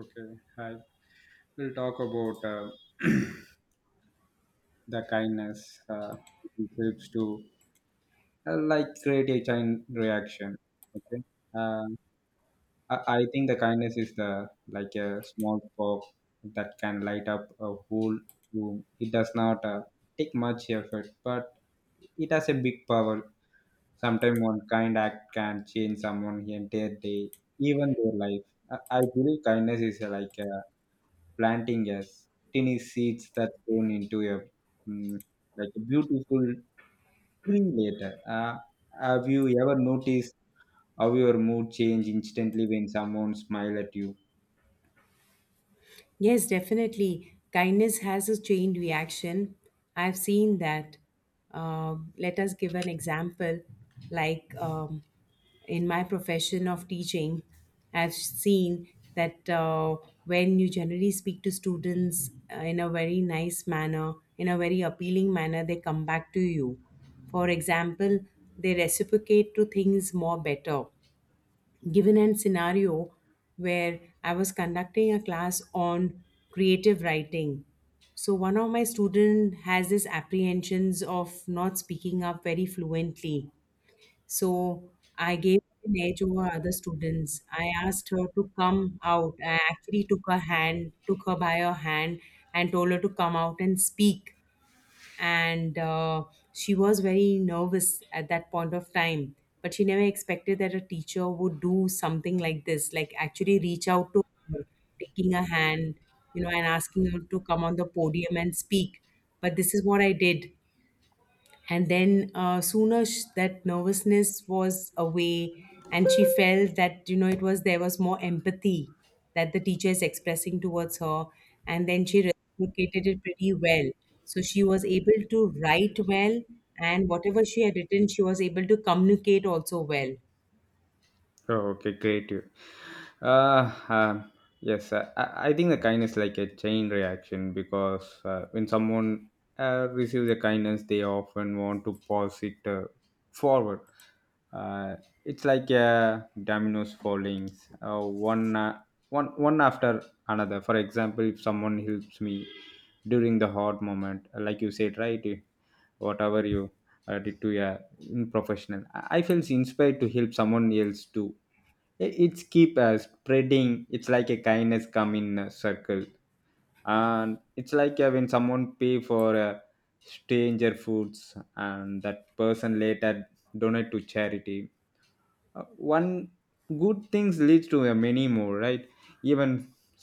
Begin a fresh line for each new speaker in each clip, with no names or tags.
Okay, hi. We'll talk about the kindness uh, it helps to like create a chain reaction. Okay, uh, I think the kindness is the like a small spark that can light up a whole room. It does not take much effort, but it has a big power. Sometimes one kind act can change someone's entire day, even their life. I believe kindness is like a planting, yes, tiny seeds that grown into a mm, like a beautiful tree later. Have you ever noticed how your mood change instantly when someone smile at you?
Yes, definitely. Kindness has a chain reaction. I've seen that. Let us give an example. Like in my profession of teaching, I've seen that when you generally speak to students in a very nice manner, in a very appealing manner, they come back to you. For example, they reciprocate to things more better, given a scenario where I was conducting a class on creative writing. So one of my student has this apprehensions of not speaking up very fluently. So I gave an edge over other students. I asked her to come out. I actually took her hand, took her by her hand, and told her to come out and speak. And she was very nervous at that point of time, but she never expected that a teacher would do something like this, like actually reach out to her, taking her hand, and asking her to come on the podium and speak. But this is what I did. And then sooner that nervousness was away, and she felt that you know it was there was more empathy that the teacher is expressing towards her, and then she reciprocated it pretty well. So she was able to write well, and whatever she had written, she was able to communicate also well.
Oh, okay, great. Uh, um, yes, I think the kindness like a chain reaction because when someone receives a kindness, they often want to pass it forward. Uh, it's like a dominoes falling, uh, one, uh, one after another. For example, if someone helps me during the hard moment, like you said, right? Whatever you did to a professional, I feels inspired to help someone else too. It's keep spreading, it's like a kindness come in a circle, and it's like when someone pay for stranger foods and that person later donate to charity. uh, One good things leads to a many more, right? Even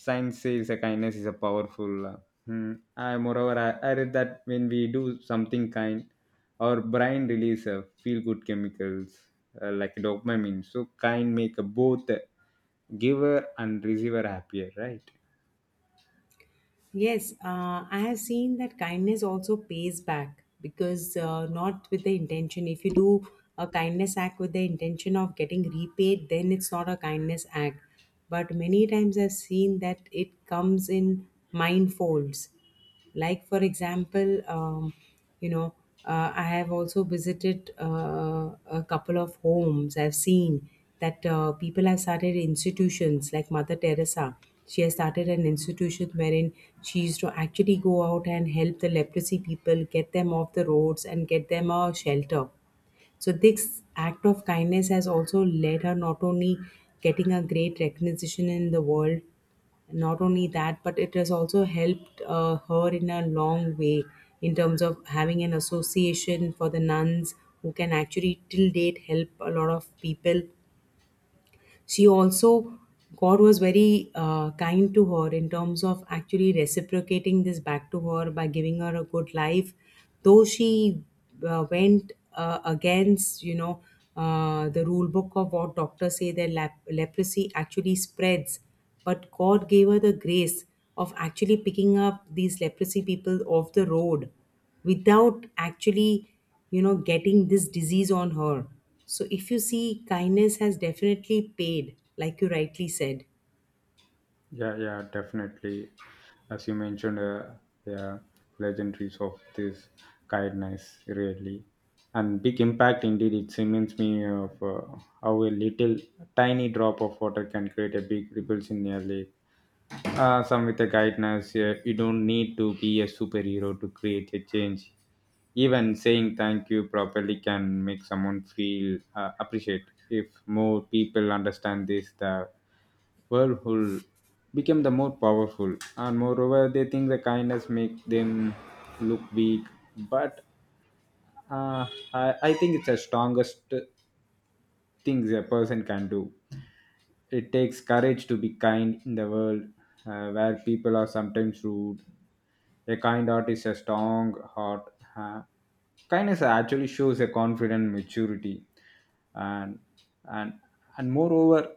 science says a kindness is a powerful hmm. I moreover I read that when we do something kind, our brain release feel good chemicals like dopamine, so kind make a both giver and receiver happier, right?
Yes, I have seen that kindness also pays back because not with the intention. If you do a kindness act with the intention of getting repaid, then it's not a kindness act. But many times I've seen that it comes in mind folds. Like, for example, you know I have also visited a couple of homes. I've seen that people have started institutions like Mother Teresa. She has started an institution wherein she used to actually go out and help the leprosy people, get them off the roads and get them a shelter. So this act of kindness has also led her not only getting a great recognition in the world, not only that, but it has also helped her in a long way in terms of having an association for the nuns who can actually till date help a lot of people. She also, God was very kind to her in terms of actually reciprocating this back to her by giving her a good life, though she went against, the rule book of what doctors say, that leprosy actually spreads. But God gave her the grace of actually picking up these leprosy people off the road without actually, getting this disease on her. So if you see, kindness has definitely paid, like you rightly said.
Yeah, yeah, definitely. As you mentioned, yeah, legendaries of this kindness really, and big impact indeed. It reminds me of how a little tiny drop of water can create a big ripples in a lake. Some with the kindness, yeah, you don't need to be a superhero to create a change. Even saying thank you properly can make someone feel appreciated. If more people understand this, the whirlpool become the more powerful, and moreover they think the kindness make them look weak, but uh, I think it's the strongest things a person can do. It takes courage to be kind in the world where people are sometimes rude. A kind heart is a strong heart. Kindness actually shows a confident maturity, and and and moreover,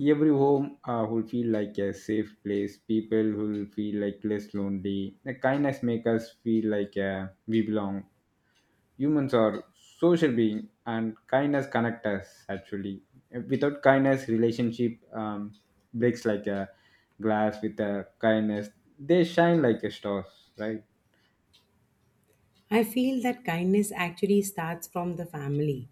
every home will feel like a safe place. People will feel like less lonely. The kindness make us feel like we belong. Humans are social being, and kindness connect us actually. Without kindness, relationship breaks like a glass. With a kindness, they shine like a stars, right?
I feel that kindness actually starts from the family,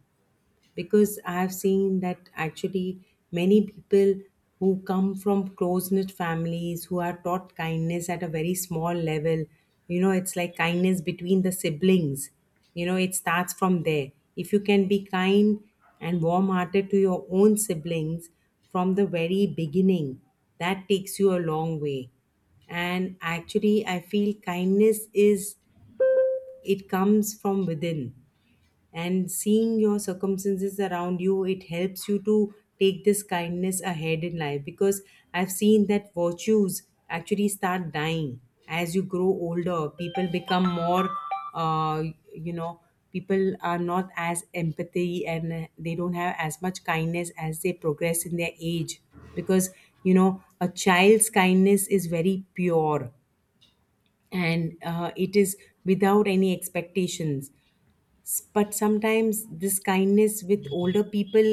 because I've seen that actually many people who come from close knit families, who are taught kindness at a very small level, you know, it's like kindness between the siblings, you know, it starts from there. If you can be kind and warm hearted to your own siblings from the very beginning, that takes you a long way. And actually, I feel kindness is, it comes from within, and seeing your circumstances around you, it helps you to take this kindness ahead in life, because I've seen that virtues actually start dying. As you grow older, people become more, uh, you know, people are not as empathy, and they don't have as much kindness as they progress in their age, because you know, a child's kindness is very pure, and it is without any expectations. But sometimes this kindness with older people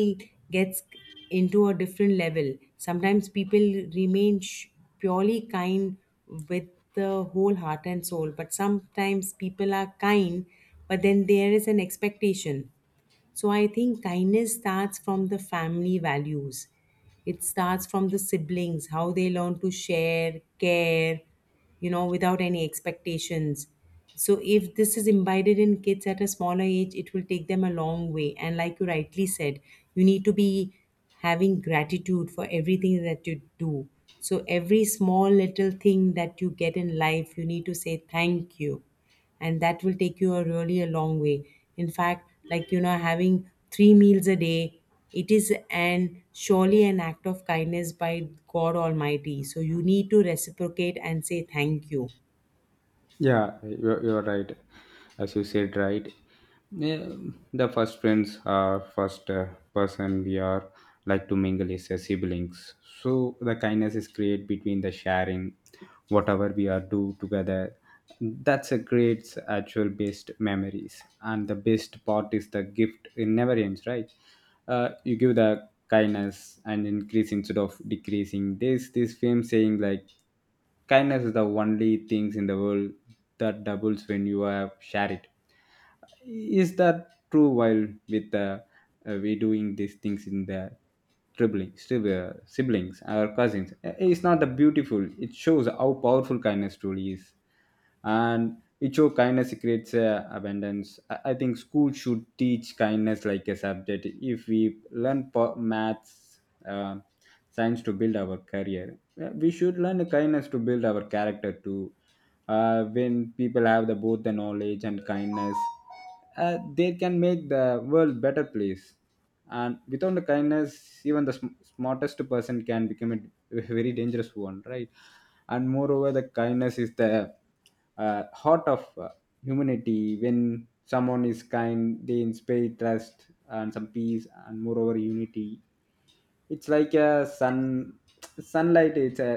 gets into a different level. Sometimes people remain purely kind with the whole heart and soul, but sometimes people are kind, but then there is an expectation. So I think kindness starts from the family values. It starts from the siblings, how they learn to share, care, you know, without any expectations. So, if this is imbibed in kids at a smaller age, it will take them a long way. And, like you rightly said, you need to be having gratitude for everything that you do. So, every small little thing that you get in life, you need to say thank you, and that will take you a really a long way. In fact, like, you know, having three meals a day, it is an surely an act of kindness by God almighty, so you need to reciprocate and say thank you.
Yeah, you're right. As you said, right. Yeah, the first friends are first person we are like to mingle is siblings. So the kindness is created between the sharing, whatever we are do together. That's a great actual best memories, and the best part is the gift. It never ends, right? You give the kindness and increase instead of decreasing. There's this famous saying like kindness is the only things in the world that doubles when you have share it. Is that true? While with the we doing these things in the siblings or cousins, it's not the beautiful. It shows how powerful kindness truly is, and it show kindness creates abundance. I think school should teach kindness like a subject. If we learn maths, uh, science to build our career, we should learn kindness to build our character too. When people have the both the knowledge and kindness, they can make the world better place, and without the kindness even the smartest person can become a very dangerous one, right? And moreover the kindness is the heart of humanity. When someone is kind, they inspire trust and some peace and moreover unity. It's like a sun sunlight, it's a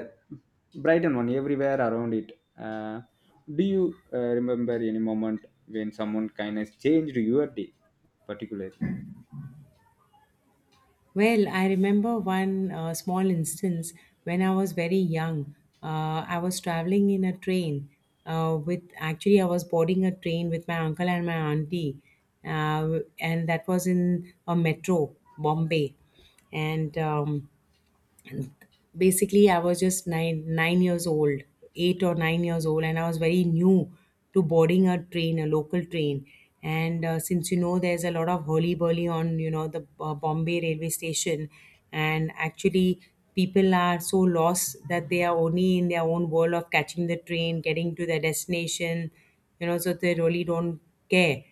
brighten one everywhere around it. Do you remember any moment when someone kindness changed your day particularly?
Well, I remember one small instance. When I was very young, I was traveling in a train, with, actually I was boarding a train with my uncle and my auntie, and that was in a metro Bombay. And basically I was just 9 years old, 8 or 9 years old, and I was very new to boarding a train, a local train. And since, you know, there's a lot of hurly burly on, you know, the Bombay railway station. And actually, people are so lost that they are only in their own world of catching the train, getting to their destination, you know, so they really don't care.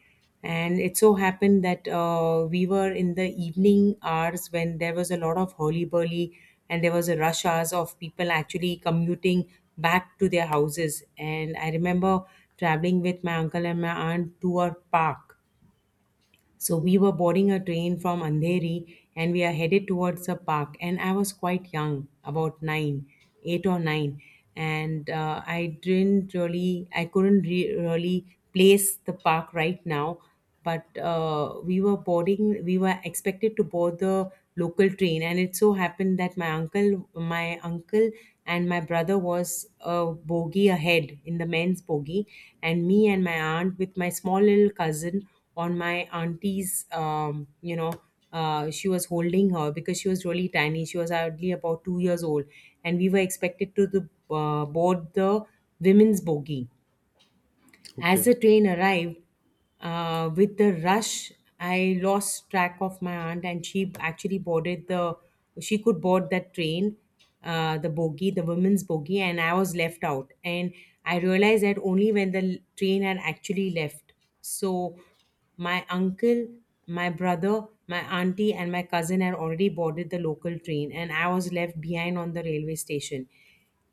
And it so happened that we were in the evening hours when there was a lot of hurly burly, and there was a rush hours of people actually commuting back to their houses. And I remember traveling with my uncle and my aunt to a park. So we were boarding a train from Andheri, and we are headed towards a park. And I was quite young, about nine, eight or nine. And I didn't really, I couldn't really place the park right now. But we were boarding, we were expected to board the local train. And it so happened that my uncle and my brother was a bogey ahead in the men's bogey, and me and my aunt with my small little cousin on my auntie's, she was holding her because she was really tiny. She was hardly about 2 years old, and we were expected to board the women's bogey. As the train arrived, with the rush, I lost track of my aunt, and she actually boarded the. She could board that train, the bogie, the women's bogie, and I was left out. And I realized that only when the train had actually left. So, my uncle, my brother, my auntie, and my cousin had already boarded the local train, and I was left behind on the railway station,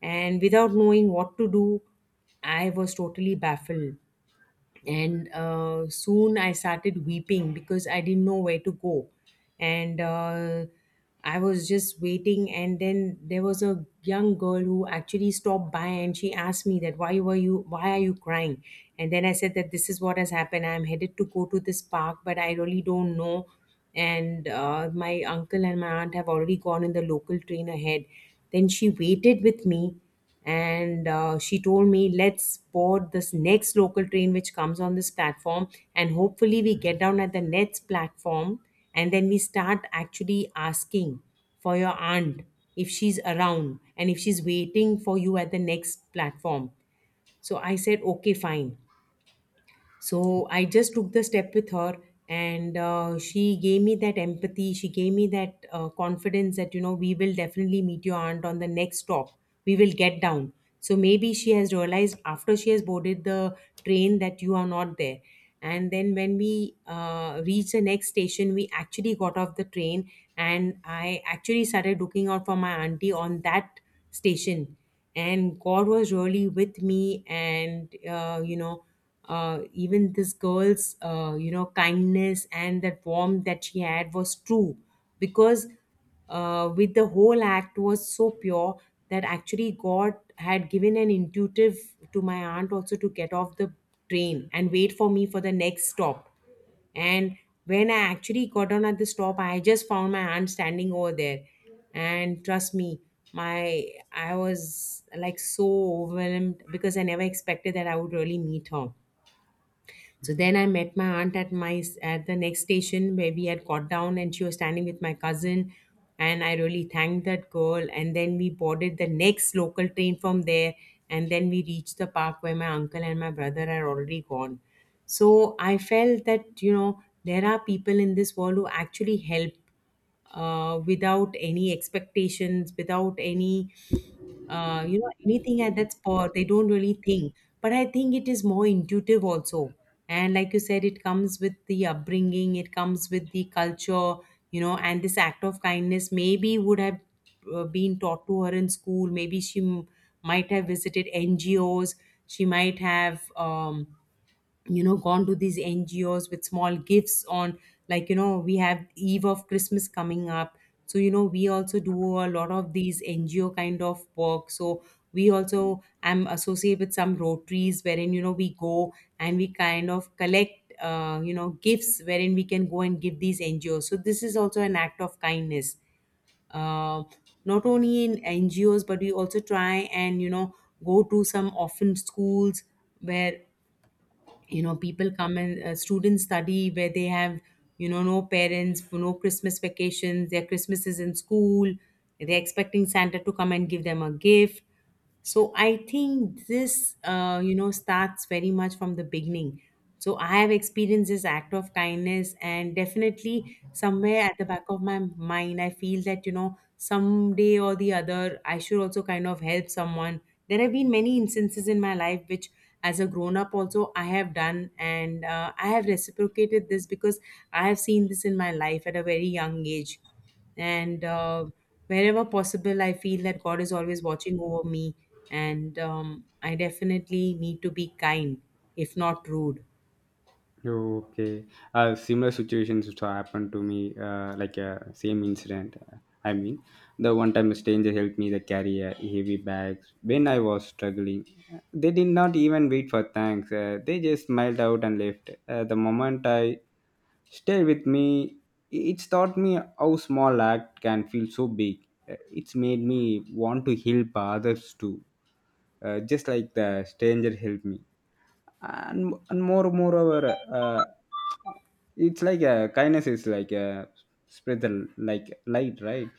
and without knowing what to do, I was totally baffled. And soon I started weeping because I didn't know where to go. And I was just waiting. And then there was a young girl who actually stopped by, and she asked me that, why are you crying? And then I said that this is what has happened. I'm headed to go to this park, but I really don't know. And my uncle and my aunt have already gone in the local train ahead. Then she waited with me, and she told me, let's board this next local train which comes on this platform, and hopefully we get down at the next platform, and then we start actually asking for your aunt if she's around and if she's waiting for you at the next platform. So I said, okay, fine. So I just took the step with her, and she gave me that empathy. She gave me that confidence that, you know, we will definitely meet your aunt on the next stop. We will get down. So maybe she has realized, after she has boarded the train, that you are not there. And then when we reached the next station, we actually got off the train, and I actually started looking out for my auntie on that station. And God was really with me, and even this girl's kindness and that warmth that she had was true, because with the whole act was so pure that actually God had given an intuitive to my aunt also to get off the train and wait for me for the next stop. And when I actually got down at the stop, I just found my aunt standing over there. And trust me, my I was, like, so overwhelmed because I never expected that I would really meet her. So then I met my aunt at my at the next station where we had got down, and she was standing with my cousin, and I really thanked that girl. And then we boarded the next local train from there, and then we reached the park where my uncle and my brother had already gone. So I felt that there are people in this world who actually help, without any expectations, without any anything at that spot. They don't really think, but I think it is more intuitive also. And like you said, it comes with the upbringing, it comes with the culture, and this act of kindness maybe would have been taught to her in school. Maybe she might have visited NGOs. She might have gone to these NGOs with small gifts on. Like we have eve of Christmas coming up. So we also do a lot of these NGO kind of work. So we also am associated with some Rotaries, wherein we go and we kind of collect gifts wherein we can go and give these NGOs. So this is also an act of kindness. uh, Not only in NGOs, but we also try and go to some orphan schools, where people come and, students study, where they have no parents, no Christmas vacations. Their Christmas is in school. They're expecting Santa to come and give them a gift. So I think this starts very much from the beginning. So I have experienced this act of kindness, and definitely somewhere at the back of my mind, I feel that someday or the other, I should also kind of help someone. There have been many instances in my life which, as a grown up, also I have done, and, I have reciprocated this because I have seen this in my life at a very young age. And, wherever possible, I feel that God is always watching over me. And, I definitely need to be kind, if not rude.
Okay, similar situations which happened to me, like same incident. I mean, the one time a stranger helped me to carry heavy bags when I was struggling. They did not even wait for thanks. They just smiled out and left. The moment I stayed with me, it's taught me how small act can feel so big. It's made me want to help others too, just like the stranger helped me, and more moreover uh, it's like a kindness is like a spread the like light, right?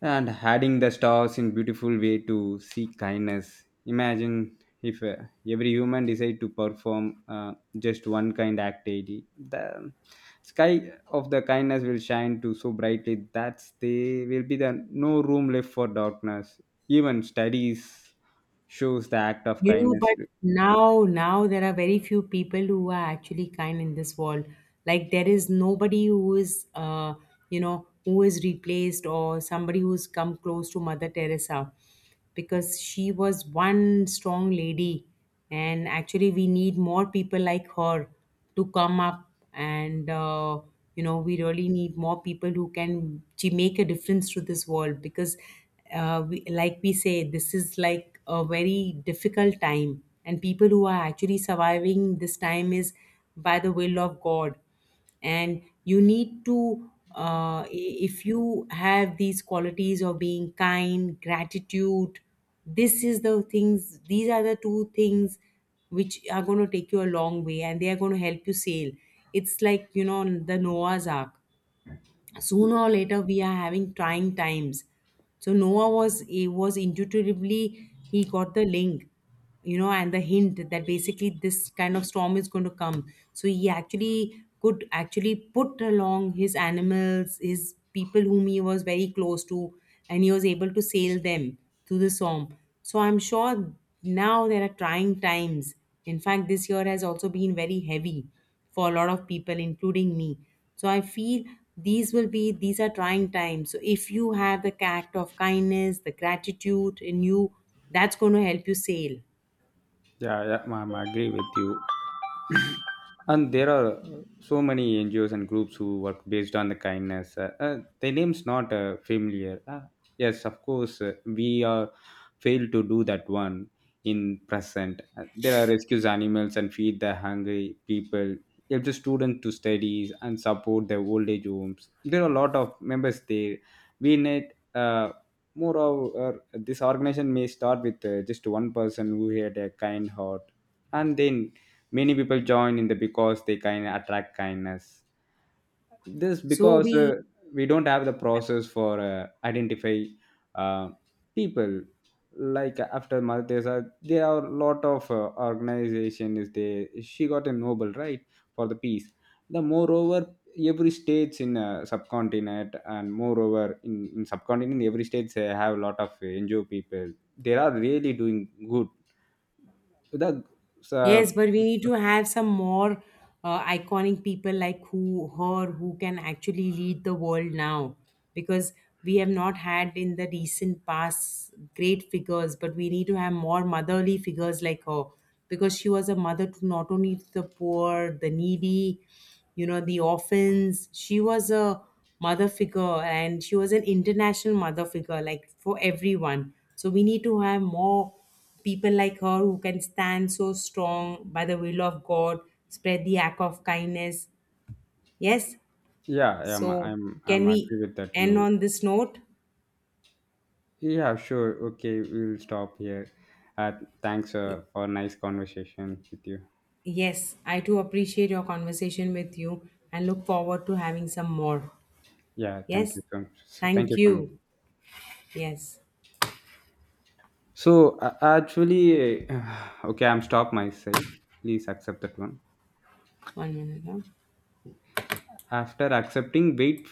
And adding the stars in beautiful way to see kindness, imagine if every human decide to perform just one kind activity, the sky of the kindness will shine to so brightly that there will be the no room left for darkness. Even studies shows the act of
You know,
kindness.
but Now there are very few people who are actually kind in this world. Like there is nobody who is, who is replaced or somebody who's come close to Mother Teresa, because she was one strong lady, and actually we need more people like her to come up. And we really need more people who can to make a difference to this world, because, we, like we say, this is like a very difficult time, and people who are actually surviving this time is by the will of God. And you need to, if you have these qualities of being kind, gratitude, this is the things these are the two things which are going to take you a long way, and they are going to help you sail. It's like, the Noah's ark. Sooner or later we are having trying times. So Noah was, he was intuitively, he got the link, and the hint that basically this kind of storm is going to come. So he actually could actually put along his animals, his people whom he was very close to, and he was able to sail them through the storm. So I'm sure now there are trying times. In fact, this year has also been very heavy for a lot of people, including me. So I feel these will be these are trying times. So if you have the act of kindness, the gratitude in you, that's going to help you sail.
Yeah, yeah, ma'am, I agree with you, and there are so many NGOs and groups who work based on the kindness. The name's not familiar. Yes, of course, we are failed to do that one in present. There are rescues animals and feed the hungry people, help the students to studies and support their old age homes. There are a lot of members there. We need uh, more of uh, this organization. May start with just one person who had a kind heart, and then many people join in the, because they kind of attract kindness. This
So
because
we.
we don't have the process for identify uh, people. Like after Mother Teresa, there are a lot of organization is there. She got a Nobel, right? For the peace. The moreover, every states in subcontinent and moreover in subcontinent, every states they have a lot of NGO people. They are really doing good. The
Yes, but we need
uh,
to have some more, iconic people like, who her, who can actually lead the world now, because we have not had in the recent past great figures, but we need to have more motherly figures like her, because she was a mother to not only to the poor, the needy, the orphans. She was a mother figure and she was an international mother figure like for everyone. So we need to have more people like her who can stand so strong by the will of God, spread the act of kindness. Yes.
Yeah, yeah, I'm
So,
I'm
can
I'm
we
agree with that
end
you.
on this note?
Yeah, sure. Okay, we'll stop here. Uh, thanks
Y-
for nice conversation with you.
Yes, I too appreciate your conversation with you and look forward to having some more.
Yeah, thank
Yes.
you so much. So, thank
Thank
you so much.
you. Yes.
So actually, okay, I'm stop my side. Please accept that one.
One minute. Huh?
After accepting, wait.